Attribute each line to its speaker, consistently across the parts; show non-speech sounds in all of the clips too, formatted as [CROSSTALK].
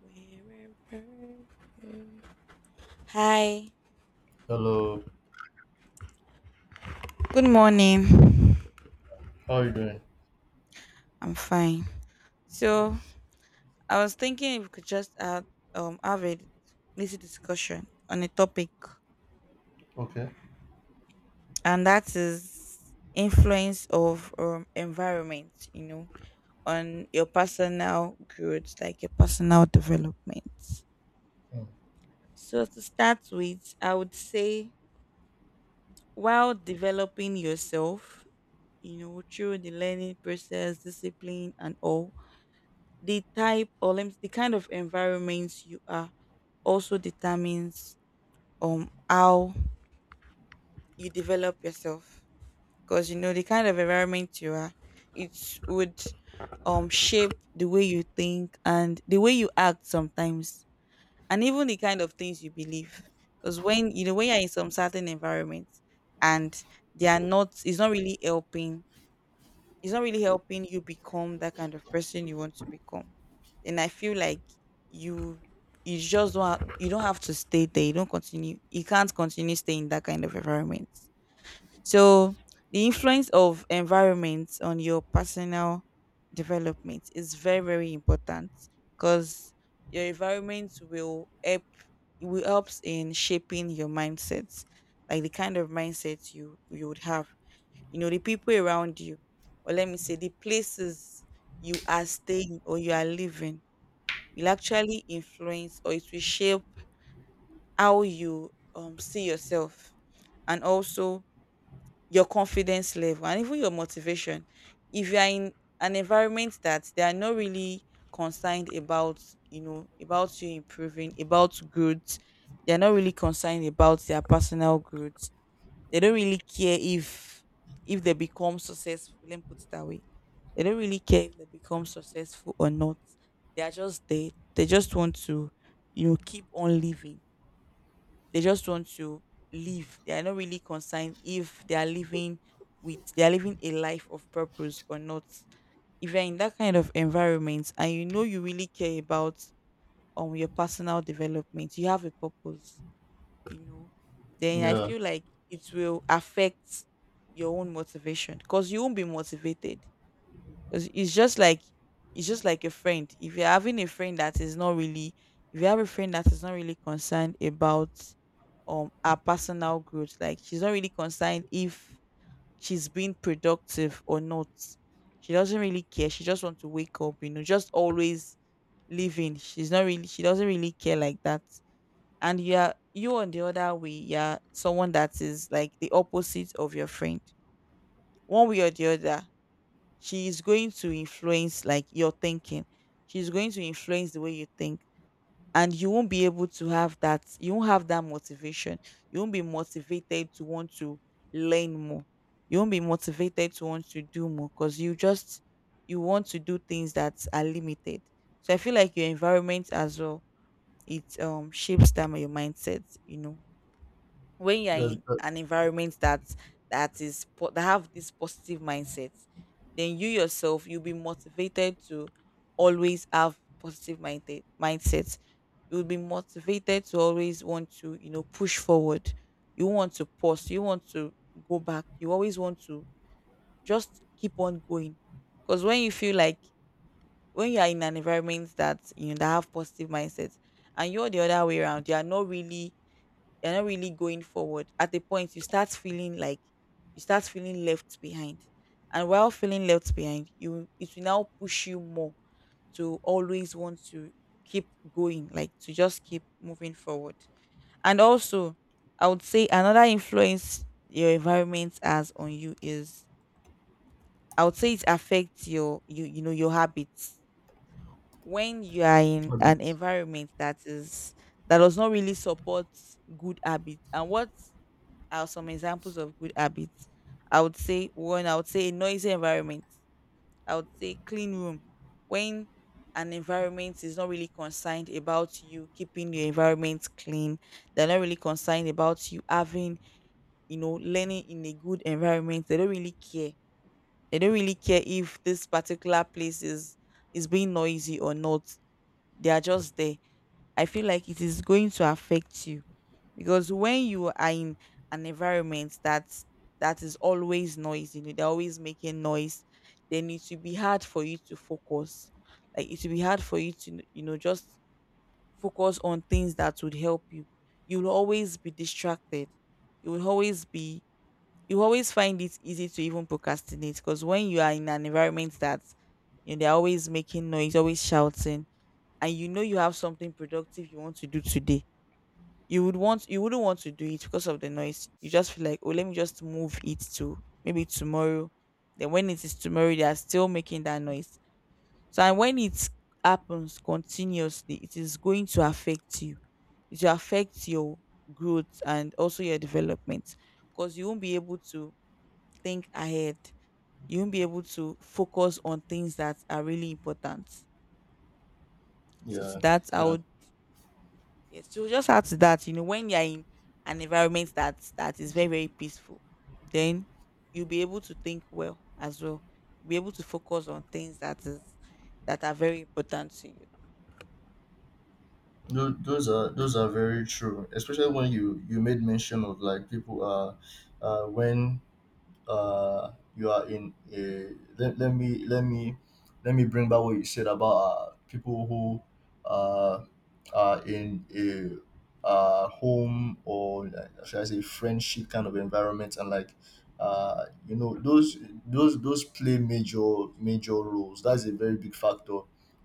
Speaker 1: Wherever you- Hi.
Speaker 2: Hello,
Speaker 1: Good morning.
Speaker 2: how are you doing?
Speaker 1: I'm fine. So
Speaker 2: Yes.
Speaker 1: I was thinking if we could just have a little discussion on a topic,
Speaker 2: Okay.
Speaker 1: and that is influence of environment. On your personal growth, like your personal development.
Speaker 2: Mm.
Speaker 1: So to start with, I would say while developing yourself, through the learning process, discipline, and all the type or let me, the kind of environments you are also determines how you develop yourself, because the kind of environment you are, it would shape the way you think and the way you act sometimes, and even the kind of things you believe. Because when you're in some certain environments and they are not it's not really helping, you become that kind of person you want to become, and I feel like you you just don't ha- you don't have to stay there. You don't continue. You can't continue staying in that kind of environment. So the influence of environment on your personal development is very, very important, because your environment will help it will helps in shaping your mindset, like the kind of mindset you would have. The people around you, or let me say the places you are staying or you are living, will actually influence, or it will shape how you see yourself, and also your confidence level and even your motivation. If you are in an environment that they are not really concerned about you improving, about growth, they're not really concerned about their personal growth. They don't really care if they become successful. Let me put it that way. They don't really care if they become successful or not. They are just there. They just want to, keep on living. They just want to live. They are not really concerned if they are living a life of purpose or not. If you're in that kind of environment and you really care about your personal development, you have a purpose you [CLEARS THROAT] know, then I
Speaker 2: Yeah.
Speaker 1: feel like it will affect your own motivation, because you won't be motivated. Because it's just like a friend. If you're having a friend that is not really, if you have a friend that is not really concerned about her personal growth, like she's not really concerned if she's being productive or not. She doesn't really care. She just wants to wake up, just always living. She's not really. She doesn't really care like that. And you on the other way, you're someone that is like the opposite of your friend. One way or the other, she is going to influence, like, your thinking. She's going to influence the way you think, and you won't be able to have that you won't have that motivation. You won't be motivated to want to learn more. You won't be motivated to want to do more because you want to do things that are limited. So I feel like your environment as well, it shapes that your mindset. When you're
Speaker 2: Yes.
Speaker 1: in
Speaker 2: That,
Speaker 1: an environment that that have this positive mindset, then you yourself, you'll be motivated to always have positive mindset. You'll be motivated to always want to, push forward. You want to pause, you want to go back, you always want to just keep on going. Because when you are in an environment that, that have positive mindsets, and you're the other way around, you're not really going forward, at a point you start feeling left behind. And while feeling left behind, you it will now push you more to always want to keep going, like to just keep moving forward. And also, I would say another influence your environment has on you is, I would say it affects your habits. When you are in an
Speaker 2: habits.
Speaker 1: environment that does not really support good habits. And what are some examples of good habits? I would say one. I would say a noisy environment. I would say clean room. When an environment is not really concerned about you keeping your environment clean, they're not really concerned about you having, learning in a good environment. They don't really care. They don't really care if this particular place is being noisy or not. They are just there. I feel like it is going to affect you, because when you are in an environment that is always noisy, they're always making noise, then it will be hard for you to focus. Like, it will be hard for you to, just focus on things that would help you. You'll always be distracted. you will always be you always find it easy to even procrastinate, because when you are in an environment that, they're always making noise, always shouting, and you have something productive you want to do today, you wouldn't want to do it because of the noise. You just feel like, oh, let me just move it to maybe tomorrow. Then when it is tomorrow, they are still making that noise. So and when it happens continuously, it is going to affect you. It will affect your growth and also your development, because you won't be able to think ahead. You won't be able to focus on things that are really important. So to
Speaker 2: Yeah.
Speaker 1: that, I
Speaker 2: Yeah.
Speaker 1: would Yes, so just add to that, when you're in an environment that is very, very peaceful, then you'll be able to think well as well. You'll be able to focus on things that are very important to you.
Speaker 2: Those are those are very true, especially when you made mention of like people are, when uh you are in a let, let me let me let me bring back what you said about people who uh are in a home or should I say friendship kind of environment. And like you know, those play major major roles. That's a very big factor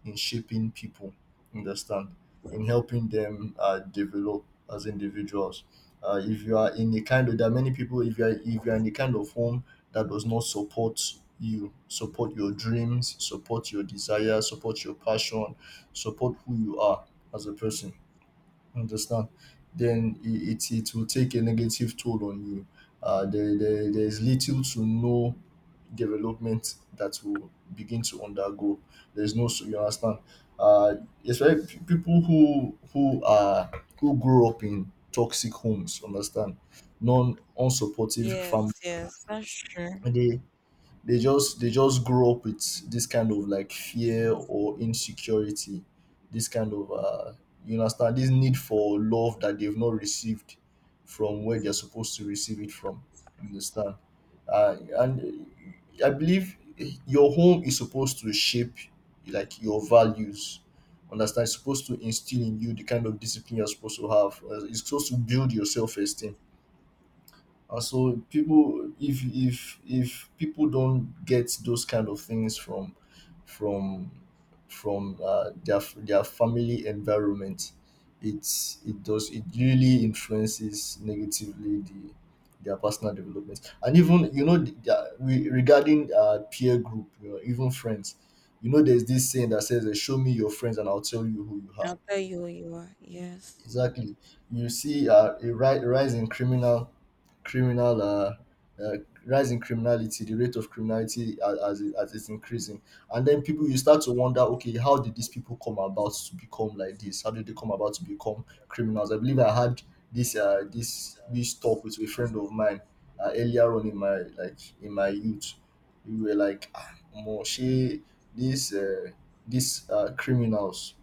Speaker 2: in shaping people, understand, in helping them develop as individuals. If you are in a kind of, there are many people, if you are in the kind of home that does not support your dreams, support your desire, support your passion, support who you are as a person, understand, then it will take a negative toll on you. There's little to no development that will begin to undergo. There's no, so you understand. Uh, especially people who are who grew up in toxic homes, understand, non unsupportive
Speaker 1: Yes,
Speaker 2: family.
Speaker 1: yes, that's true.
Speaker 2: They they just grow up with this kind of like fear or insecurity, this kind of you understand, this need for love that they've not received from where they're supposed to receive it from, you understand. And I believe your home is supposed to shape like your values, understand, it's supposed to instill in you the kind of discipline you're supposed to have. It's supposed to build your self-esteem. So people, if people don't get those kind of things from from their family environment, it's it does it really influences negatively the their personal development. And even you know, regarding peer group, you know, even friends. You know, there's this saying that says, "Show me your friends, and I'll tell you who you are."
Speaker 1: I'll tell you who you are. Yes,
Speaker 2: Exactly. You see a rise in criminal, uh, uh, rise in criminality. The rate of criminality as, as it's increasing. And then people you start to wonder, okay, how did these people come about to become like this? How did they come about to become criminals? I believe I had this this talk with a friend of mine earlier on in my, like in my youth. We were like, ah, more she, these criminals,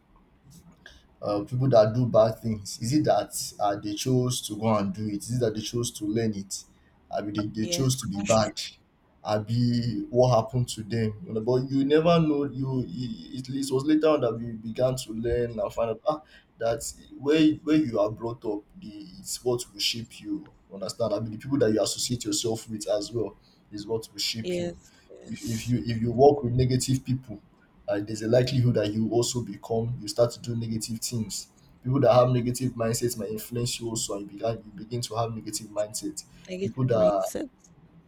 Speaker 2: people that do bad things, is it that they chose to go and do it? Is it that they chose to learn it? I mean, they
Speaker 1: yes,
Speaker 2: chose to be bad. I be, what happened to them? You know, but you never know. It was later on that we began to learn and find out, ah, that where you are brought up, the, it's what will shape you, understand. I mean, the people that you associate yourself with as well is what will shape you.
Speaker 1: yes,
Speaker 2: if, if
Speaker 1: yes.
Speaker 2: you if you work with negative people, and there's a likelihood that you also become, you start to do negative things. People that have negative mindsets might influence you also, and you begin to have negative mindset. People
Speaker 1: Negative
Speaker 2: that,
Speaker 1: mindset.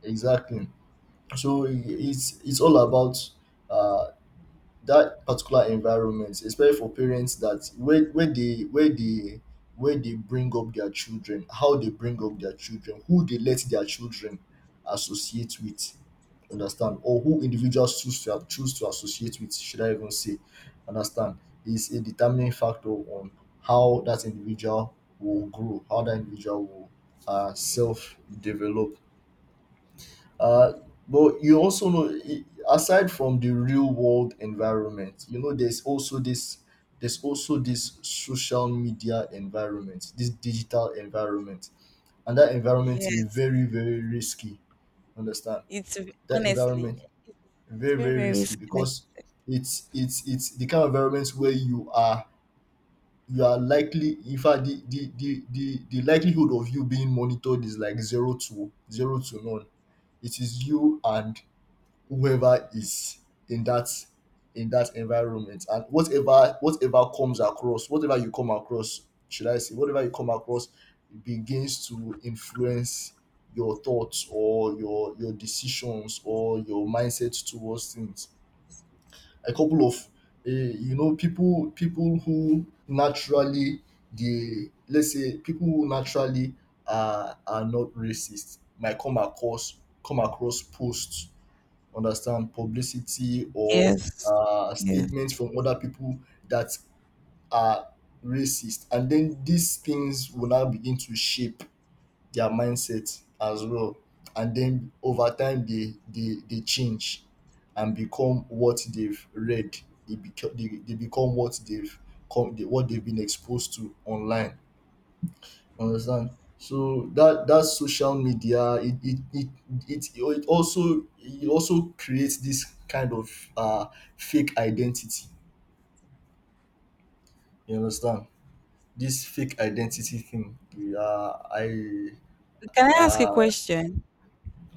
Speaker 2: exactly, so it's all about uh that particular environment, especially for parents, that where they bring up their children, how they bring up their children, who they let their children associate with, understand, or who individuals choose to associate with, should I even say, understand, is a determining factor on how that individual will grow, how that individual will self develop. Uh, but you also know, aside from the real world environment, you know, there's also this social media environment, this digital environment, and that environment is
Speaker 1: Yes,
Speaker 2: very, very risky. Understand, that
Speaker 1: honestly,
Speaker 2: environment
Speaker 1: it's
Speaker 2: very,
Speaker 1: very,
Speaker 2: very
Speaker 1: very
Speaker 2: risky
Speaker 1: risky. Like,
Speaker 2: because it's the kind of environment where you are likely, in fact the likelihood of you being monitored is like zero to none. It is you and whoever is in that in that environment, and whatever you come across, should I say, whatever you come across begins to influence your thoughts or your decisions or your mindset towards things. A couple of you know, people who naturally, they let's say people who naturally are not racist might come across posts, understand, publicity or
Speaker 1: yes, yes.
Speaker 2: statements from other people that are racist, and then these things will now begin to shape their mindset as well. And then over time they change and become what they've read. They become what they've what they've been exposed to online, understand. So that social media, it also, it also creates this kind of uh fake identity, you understand, this fake identity thing. I
Speaker 1: Can I ask a
Speaker 2: uh
Speaker 1: question?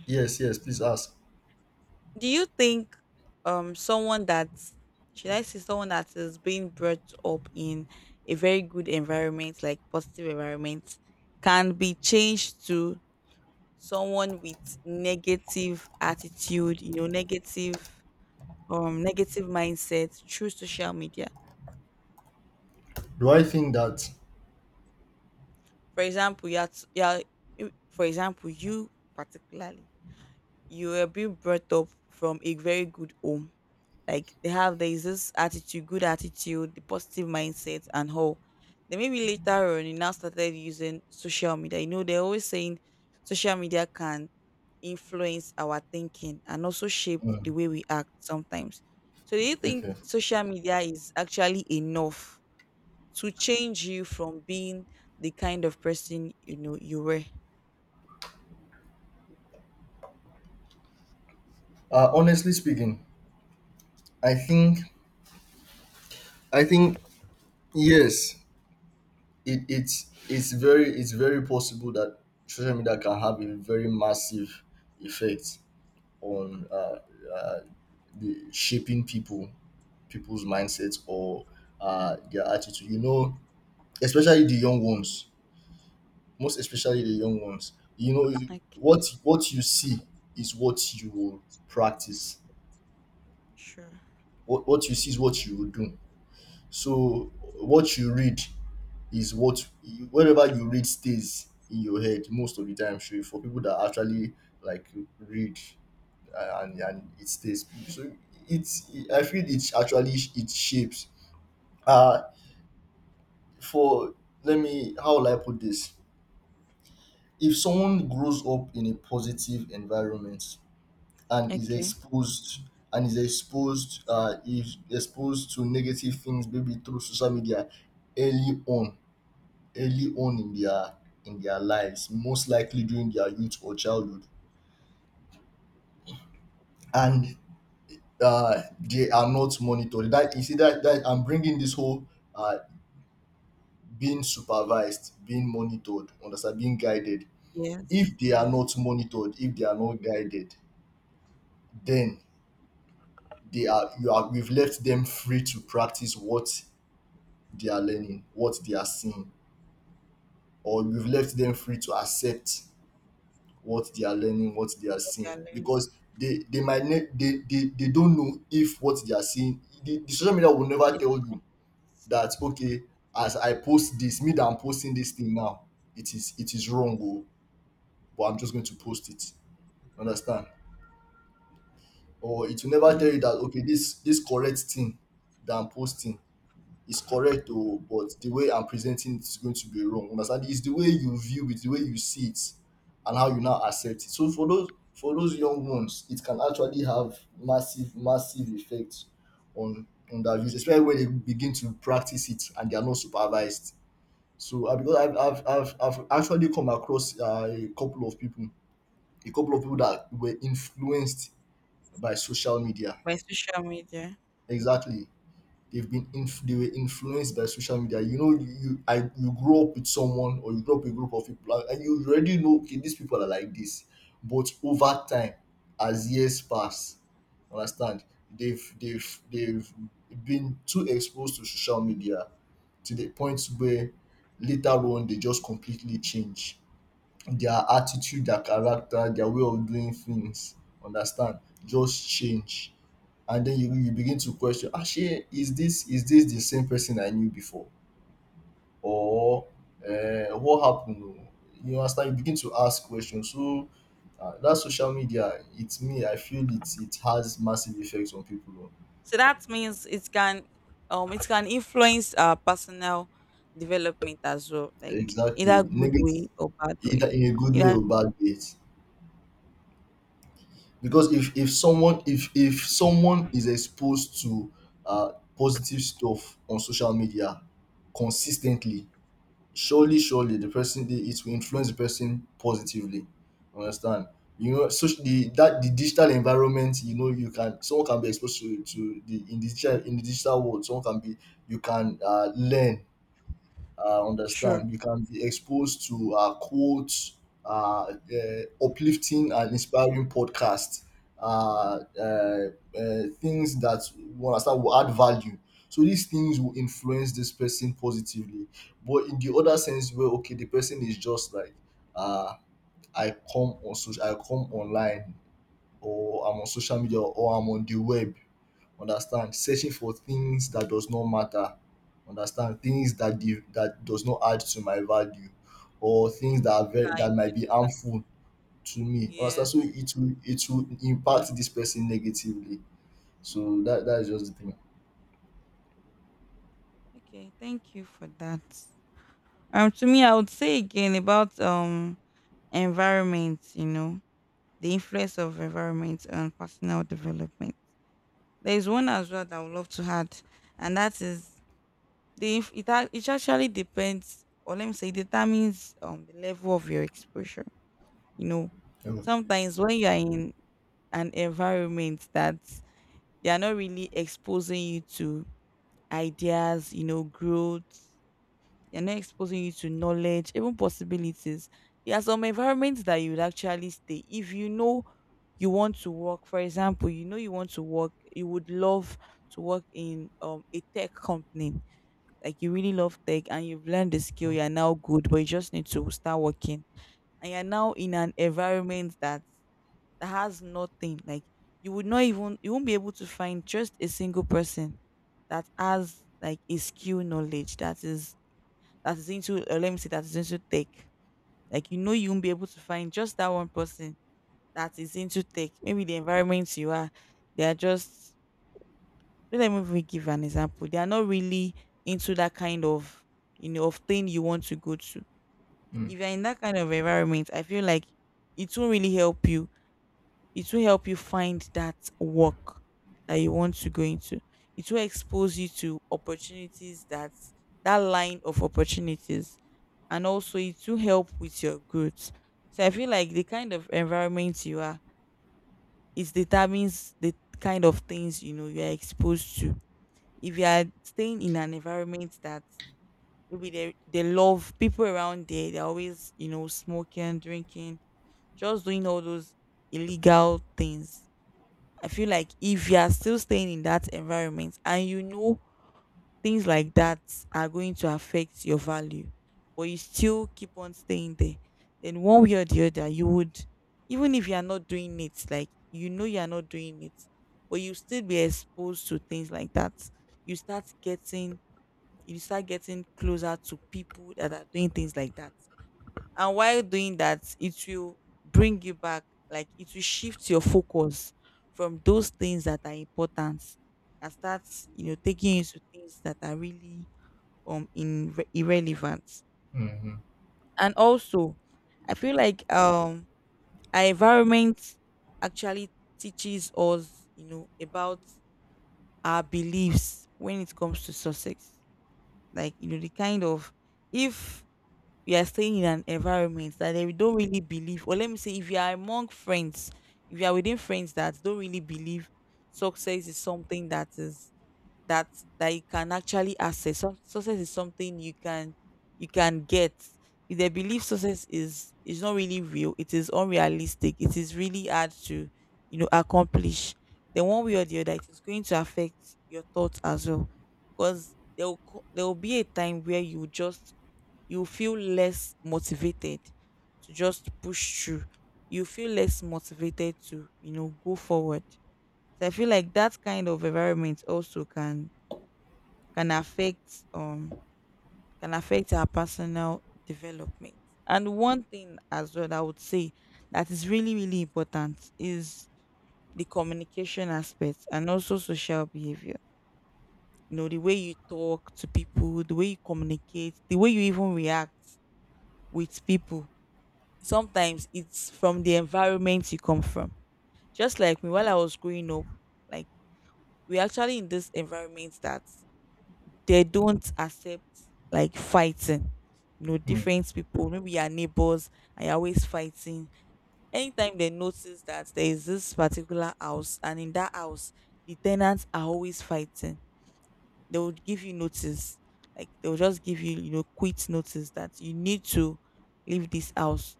Speaker 2: yes, yes, please ask.
Speaker 1: Do you think someone that's should I say someone that is being brought up in a very good environment, like positive environment, can be changed to someone with negative attitude, negative, negative mindset through social media?
Speaker 2: Do I think that?
Speaker 1: For example, you are, t- you are you- for example, you particularly, you were being brought up from a very good home, like they have there is this attitude, good attitude, the positive mindset and all. Then maybe later on, you now started using social media. They're always saying social media can influence our thinking and also shape the
Speaker 2: Mm,
Speaker 1: way we act sometimes. So do you think
Speaker 2: okay.
Speaker 1: social media is actually enough to change you from being the kind of person you were?
Speaker 2: Honestly speaking, i think I think yes, it's very, it's very possible that social media can have a very massive effect on uh, the shaping people, people's mindsets or their attitude. You know, especially the young ones, most especially the young ones. You know,
Speaker 1: Like,
Speaker 2: what you see is what you will practice.
Speaker 1: sure.
Speaker 2: What you see is what you will do. So what you read is whatever you read stays in your head most of the time. Sure, for people that actually, like, read, and it stays. So it's, I feel it's actually, it shapes. Uh, for let me, how will I put this? If someone grows up in a positive environment and is
Speaker 1: Okay.
Speaker 2: exposed, is exposed to negative things maybe through social media early on, in their lives, most likely during their youth or childhood, and they are not monitored. That you see that, I'm bringing this whole uh, being supervised, being monitored, understand, being guided.
Speaker 1: Yes,
Speaker 2: If they are
Speaker 1: yes.
Speaker 2: not monitored, if they are not guided, then they are you are, we've left them free to practice what they are learning, what they are seeing, or we've left them free to accept what they are learning, what they are
Speaker 1: What they are
Speaker 2: seeing.
Speaker 1: learning.
Speaker 2: Because they they don't know if what they are seeing, the social media will never
Speaker 1: is-
Speaker 2: tell you that okay, as I post this, me that I'm posting this thing now, it is wrong, oh, but I'm just going to post it. Understand? Or it will never tell you
Speaker 1: Yes.
Speaker 2: that okay, this correct thing that I'm posting is correct though, but the way I'm presenting it is going to be wrong. Understand? It's the way you view it, the way you see it, and how you now accept it. So for those young ones, it can actually have massive, massive effects on their views, especially when they begin to practice it and they are not supervised. So because I've actually come across a couple of people that were influenced by social media.
Speaker 1: By social media.
Speaker 2: Exactly. They were influenced by social media. You know, you- I you grow up with someone or you grow up with a group of people, and you already know okay, these people are like this. But over time, as years pass, understand, they've been too exposed to social media to the point where later on they just completely change their attitude, their character, their way of doing things, understand, just change. And then you begin to question, actually, is this, is this the same person I knew before, or what happened? Oo, you understand, you begin to ask questions. So, ah, that social media, its me, I feel it, it has massive effects on people, oo.
Speaker 1: So that means it can, it can influence our personal development as well, like
Speaker 2: Exactly,
Speaker 1: either good
Speaker 2: negative,
Speaker 1: way or bad way.
Speaker 2: either in a good way
Speaker 1: Yeah,
Speaker 2: or bad ways. Because if someone is exposed to positive stuff on social media consis ten tly, surely the person dey, it will influence the person positively, you understand. You know, the digital environment, you know, you can, someone can be exposed to the, in the digital, in the digital world, someone can be, you can learn,
Speaker 1: sure.
Speaker 2: understand, you can be exposed to quotes, uplifting and inspiring podcasts, uh, uh, things that will, understand, will add value. So these things will influence this person positively. But in the other sense where okay, the person is just like, uh, I come on social, I come online or I'm on social media or I'm on the web. Understand? Searching for things that does not matter. Understand? Things that that does not add to my value, or things
Speaker 1: Revert.
Speaker 2: that are very,
Speaker 1: I
Speaker 2: that might be
Speaker 1: really
Speaker 2: harmful to me. Understand? So
Speaker 1: Yes.
Speaker 2: it will, it will impact this person negatively. So that, that is just the thing.
Speaker 1: Okay, thank you for that. To me, I would say again about environment. The influence of environment on personal development. There is one as well that I would love to add, and that is, it actually depends, or let me say, determines the level of your exposure. You know,
Speaker 2: Yeah.
Speaker 1: sometimes when you are in an environment that they are not really exposing you to ideas, growth, they're not exposing you to knowledge, even possibilities. There are some environments that you would actually stay, if you know you want to work. For example, you know you want to work, you would love to work in a tech company, like you really love tech and you've learned the skill, you're now good, but you just need to start working, and you're now in an environment that has nothing, like, you would not even you won't be able to find just a single person that has like a skill knowledge that is into, let me say, that is into tech. Like, you won't be able to find just that one person that is into tech. Maybe the environment you are, they are just, let me even give an example, they are not really into that kind of thing you want to go to.
Speaker 2: Mm,
Speaker 1: If you're in that kind of environment, I feel like it will really help you. It will help you find that work that you want to go into. It will expose you to opportunities, that that line of opportunities, and also it will help with your growth. So I feel like the kind of environment you are, it determines the kind of things, you know, you are exposed to. If you are staying in an environment that maybe they love people around there, they're always, you know, smoking, drinking, just doing all those illegal things. I feel like if you are still staying in that environment and you know things like that are going to affect your value, but you still keep on staying there, then one way or the other, you would, even if you are not doing it, like you know you are not doing it, but you still be exposed to things like that. You start getting you start getting closer to people that are doing things like that. And while doing that, it will bring you back, like it will shift your focus from those things that are important and start, you know, taking you to things that are really irrelevant.
Speaker 2: mm,
Speaker 1: And also, I feel like our environment actually teaches us, you know, about our beliefs when it comes to success. Like, you know, the kind of, if you are staying in an environment that they don't really believe, or let me say, if you are among friends, if you are within friends that don't really believe success is something that is, that that you can actually access. Some success is something you can get. If they believe success is not really real, it is unrealistic. It is really hard to, you know, accomplish. Then one way or the other, it is going to affect your thoughts as well, because there will be a time where you feel less motivated to just push through. You feel less motivated to, you know, go forward. So I feel like that kind of environment also can affect um can affect our personal development. And one thing as well that I would say that is really, really important is the communication aspect and also social behavior. You know, the way you talk to people, the way you communicate, the way you even react with people, sometimes it's from the environment you come from. Just like me, while I was growing up, like, we're actually in this environment that they don't accept like fighting. You know,
Speaker 2: mm,
Speaker 1: different people, maybe your neighbors, and you're always fighting. Anytime they notice that there is this particular house, and in that house, the tenants are always fighting, they would give you notice. Like they'll just give you, you know, quit notice that you need to leave this house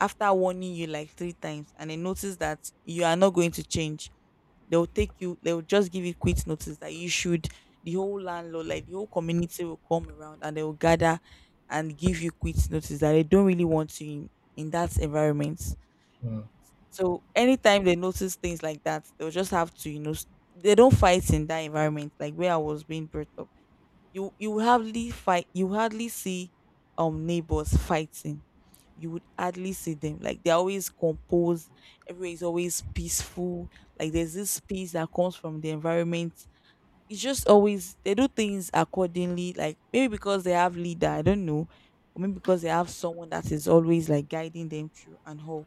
Speaker 1: after warning you like three times, and they notice that you are not going to change, they'll take you, they'll just give you quit notice that you should, the whole landlord, like the whole community will come around and they will gather and give you quit notice that they don't really want you in that environment.
Speaker 2: mm,
Speaker 1: So anytime they notice things like that, they'll just have to, you know, they don't fight in that environment, like where I was being brought up. You hardly fight, you hardly see neighbors fighting, you would hardly see them. Like they're always composed, everywhere is always peaceful. Like there's this peace that comes from the environment. It's just always they do things accordingly. Like maybe because they have leader, I don't know. Or maybe because they have someone that is always like guiding them through and all.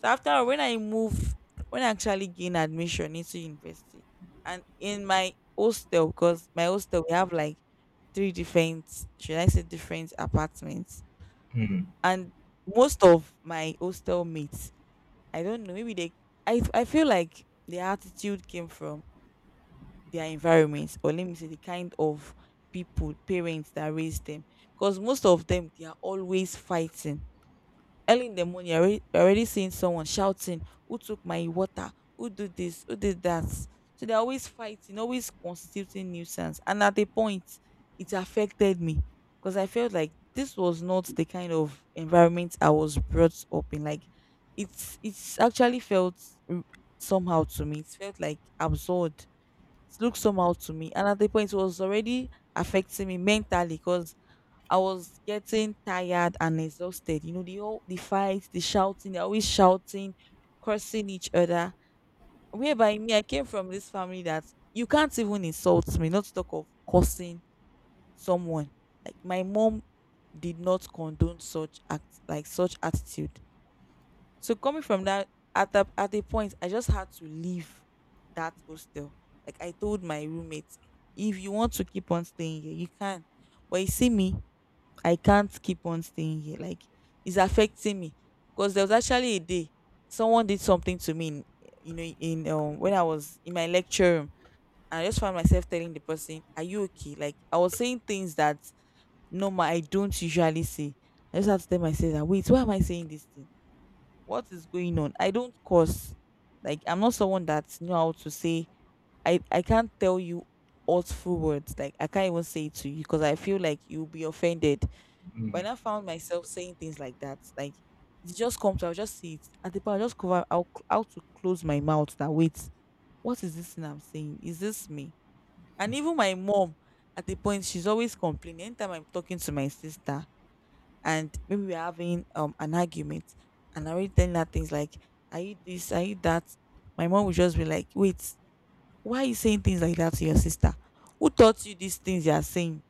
Speaker 1: So after all, when I move, when I actually gain admission into university, and in my hostel, because my hostel we have like three different, should I say, different apartments,
Speaker 2: mm,
Speaker 1: and most of my hostel mates, I don't know, maybe they, I feel like their attitude came from their environment, or let me say the kind of people, parents that raised them, because most of them, they are always fighting. Early in the morning, I already seeing someone shouting, "Who took my water? Who did this? Who did that?" So they're always fighting, always constituting nuisance. And at a point, it affected me, because I felt like this was not the kind of environment I was brought up in. Like, it's actually felt r- somehow to me. It felt like absurd. It looked somehow to me. And at the point, it was already affecting me mentally, because I was getting tired and exhausted. You know, the fights, the shouting, they're always shouting, cursing each other. Whereby me, I came from this family that you can't even insult me, not to talk of cursing someone. Like my mom did not condone such act, like such attitude. So coming from that, at a point, I just had to leave that hostel. Like I told my roommate, if you want to keep on staying here, you can. But you see me, I can't keep on staying here. Like, it's affecting me. Because there was actually a day someone did something to me, in you know in when I was in my lecture room. I just found myself telling the person, "Are you okay?" Like I was saying things that no ma I don't usually say. I just had to tell myself that, wait, why am I saying this thing? What is going on? I don't curse. Like, I'm not someone that know how to say, I can't tell you hurtful words. Like I can't even say it to you, because I feel like you'll be offended, but
Speaker 2: mm.
Speaker 1: I now found myself saying things like that. Like it just comes, I'll just see it. At the point, I'll just cover, I'll how to close my mouth, that wait, what is this thing I'm saying? Is this me? And even my mom, at the point, she's always complaining. Anytime I'm talking to my sister, and maybe we're having an argument, and I already telling her things like, "Are you this? Are you that?" My mom would just be like, "Wait, why are you saying things like that to your sister? Who taught you these things you are saying?"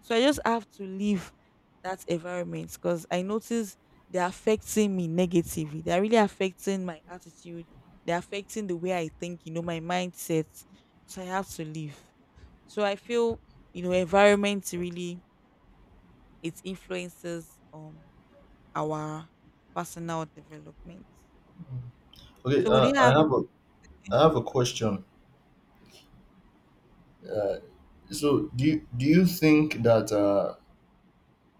Speaker 1: So I just have to leave that environment, because I notice they're affecting me negatively. They're really affecting my attitude. They're affecting the way I think, you know, my mindset. So I have to leave. So I feel, you know, environment really, it influences our personal development.
Speaker 2: Okay,
Speaker 1: So would you have —
Speaker 2: I have a question. Uh, do you think that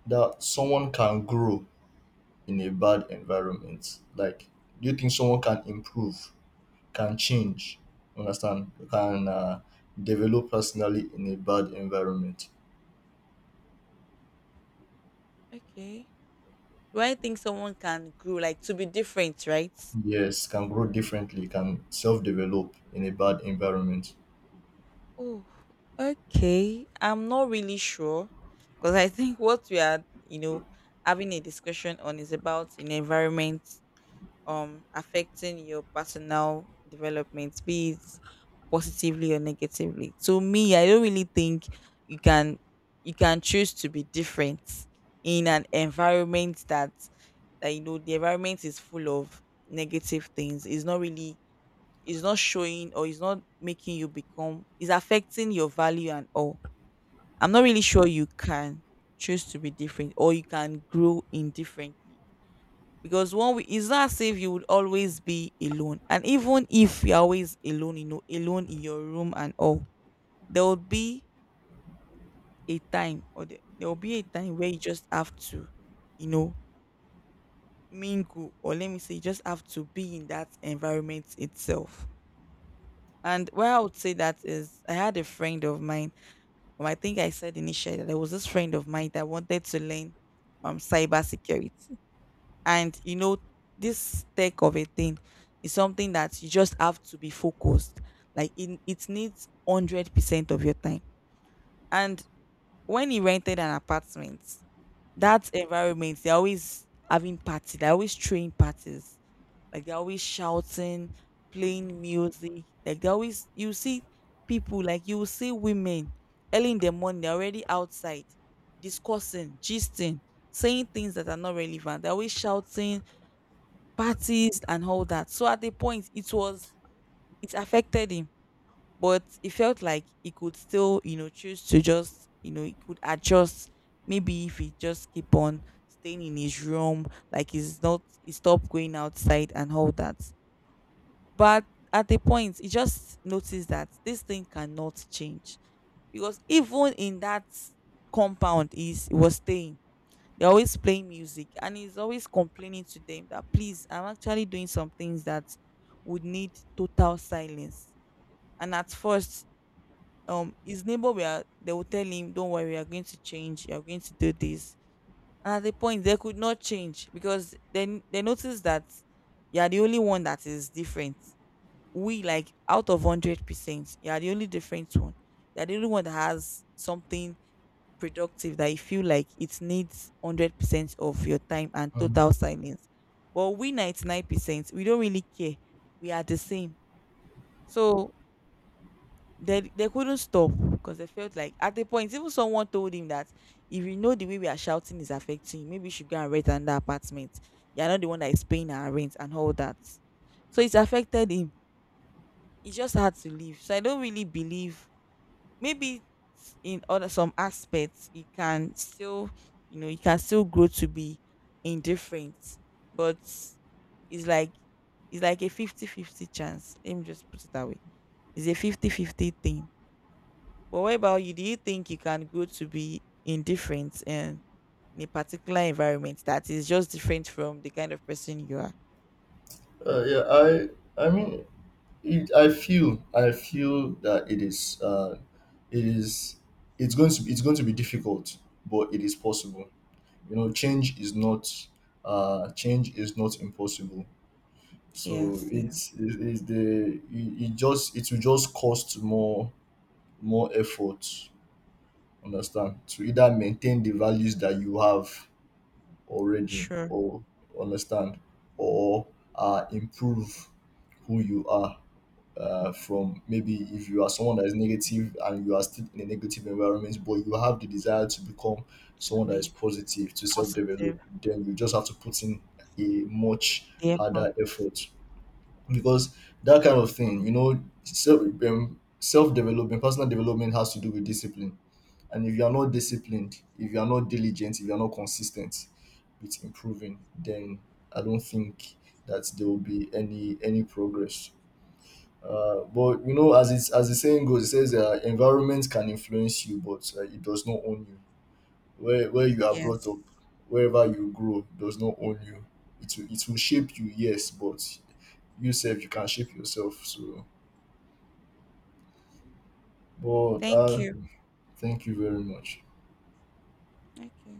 Speaker 2: that someone can grow in a bad environment? Like, do you think someone can improve, can change, understand, can develop personally in a bad environment?
Speaker 1: okay. Do I think someone can grow, like, to be different, right?
Speaker 2: Yes, can grow differently, can self develop in a bad environment.
Speaker 1: Oh, okay. I'm not really sure, because I think [LAUGHS] what we are, you know, having a discussion on is about an environment affecting your personal development, be it positively or negatively. To me, I don't really think you can choose to be different in an environment that you know, the environment is full of negative things. It's not really, is not showing, or is not making you become, is affecting your value and all. I'm not really sure you can choose to be different or you can grow indifferently, because one way, is not as if you would always be alone, and even if you're always alone, you know, alone in your room and all, there will be a time, or there will be a time where you just have to, you know, mingle, or let me say you just have to be in that environment itself. And where I would say that is, I had a friend of mine. I think I said initially that there was this friend of mine that wanted to learn cyber security, and you know, this tech of a thing is something that you just have to be focused. Like it needs 100% of your time. And when he rented an apartment, that environment, they're always having parties, they're always throwing parties, like they're always shouting, playing music. Like they always, you see people, like you will see women early in the morning, they're already outside discussing, gisting, saying things that are not relevant. They're always shouting, parties and all that. So at the point it was, it affected him. But it felt like he could still, you know, choose to just, you know, he could adjust, maybe if he just keep on staying in his room, like he's not he stopped going outside and all that. But at a point, he just noticed that this thing cannot change, because even in that compound he was staying, they're always playing music, and he's always complaining to them that, "Please, I'm actually doing some things that would need total silence." And at first, his neighbor, they will tell him, "Don't worry, we are going to change, you're going to do this." And at the point, they could not change, because then they noticed that, you're the only one that is different. We, like, out of 100% you are the only different one, you are the only one that has something productive that you feel like it needs 100% of your time and
Speaker 2: Mm.
Speaker 1: total silence. But we, 99%, we don't really care, we are the same. So they couldn't stop, because they felt like, at a point, even someone told him that, "If you know the way we are shouting is affecting you, maybe you should go and rent another apartment. You're not the one that is paying our rent and all that." So it's affected him, he just had to leave. So I don't really believe, maybe in other some aspects you can still, you know, you can still grow to be indifferent, but it's like it's like a fifty-fifty chance. Let me just put it that way. It's a fifty-fifty thing. But what about you? Do you think you can grow to be indifferent and in a particular environment that is just different from the kind of person you are?
Speaker 2: Uh, yeah, I I mean, I feel, I feel that it is, it's going to be, it's going to be difficult, but it is possible. You know, change is not, change is not impossible. So
Speaker 1: Yes, yes.
Speaker 2: it's it- it's the it, it just, it will just cost more, more effort, understand, to either maintain the values that you have already,
Speaker 1: Sure.
Speaker 2: or understand, or improve who you are. From maybe if you are someone that is negative and you are still in a negative environment, but you have the desire to become
Speaker 1: To
Speaker 2: someone that is
Speaker 1: be.
Speaker 2: positive, to self-develop,
Speaker 1: Positive,
Speaker 2: then you just have to put in a much
Speaker 1: therefore.
Speaker 2: harder effort. Because that kind of thing, you know, self self development, personal development, has to do with discipline. And if you are not disciplined, if you are not diligent, if you are not consistent with improving, then I don't think that there will be any progress. But you know, as it's, as the saying goes, it says, environment can influence you, but it does not own you. Where you are brought
Speaker 1: Yes.
Speaker 2: up, wherever you grow, does not own you. It will shape you, yes, but you can shape yourself. So but
Speaker 1: Thank you.
Speaker 2: thank you very much.
Speaker 1: Okay.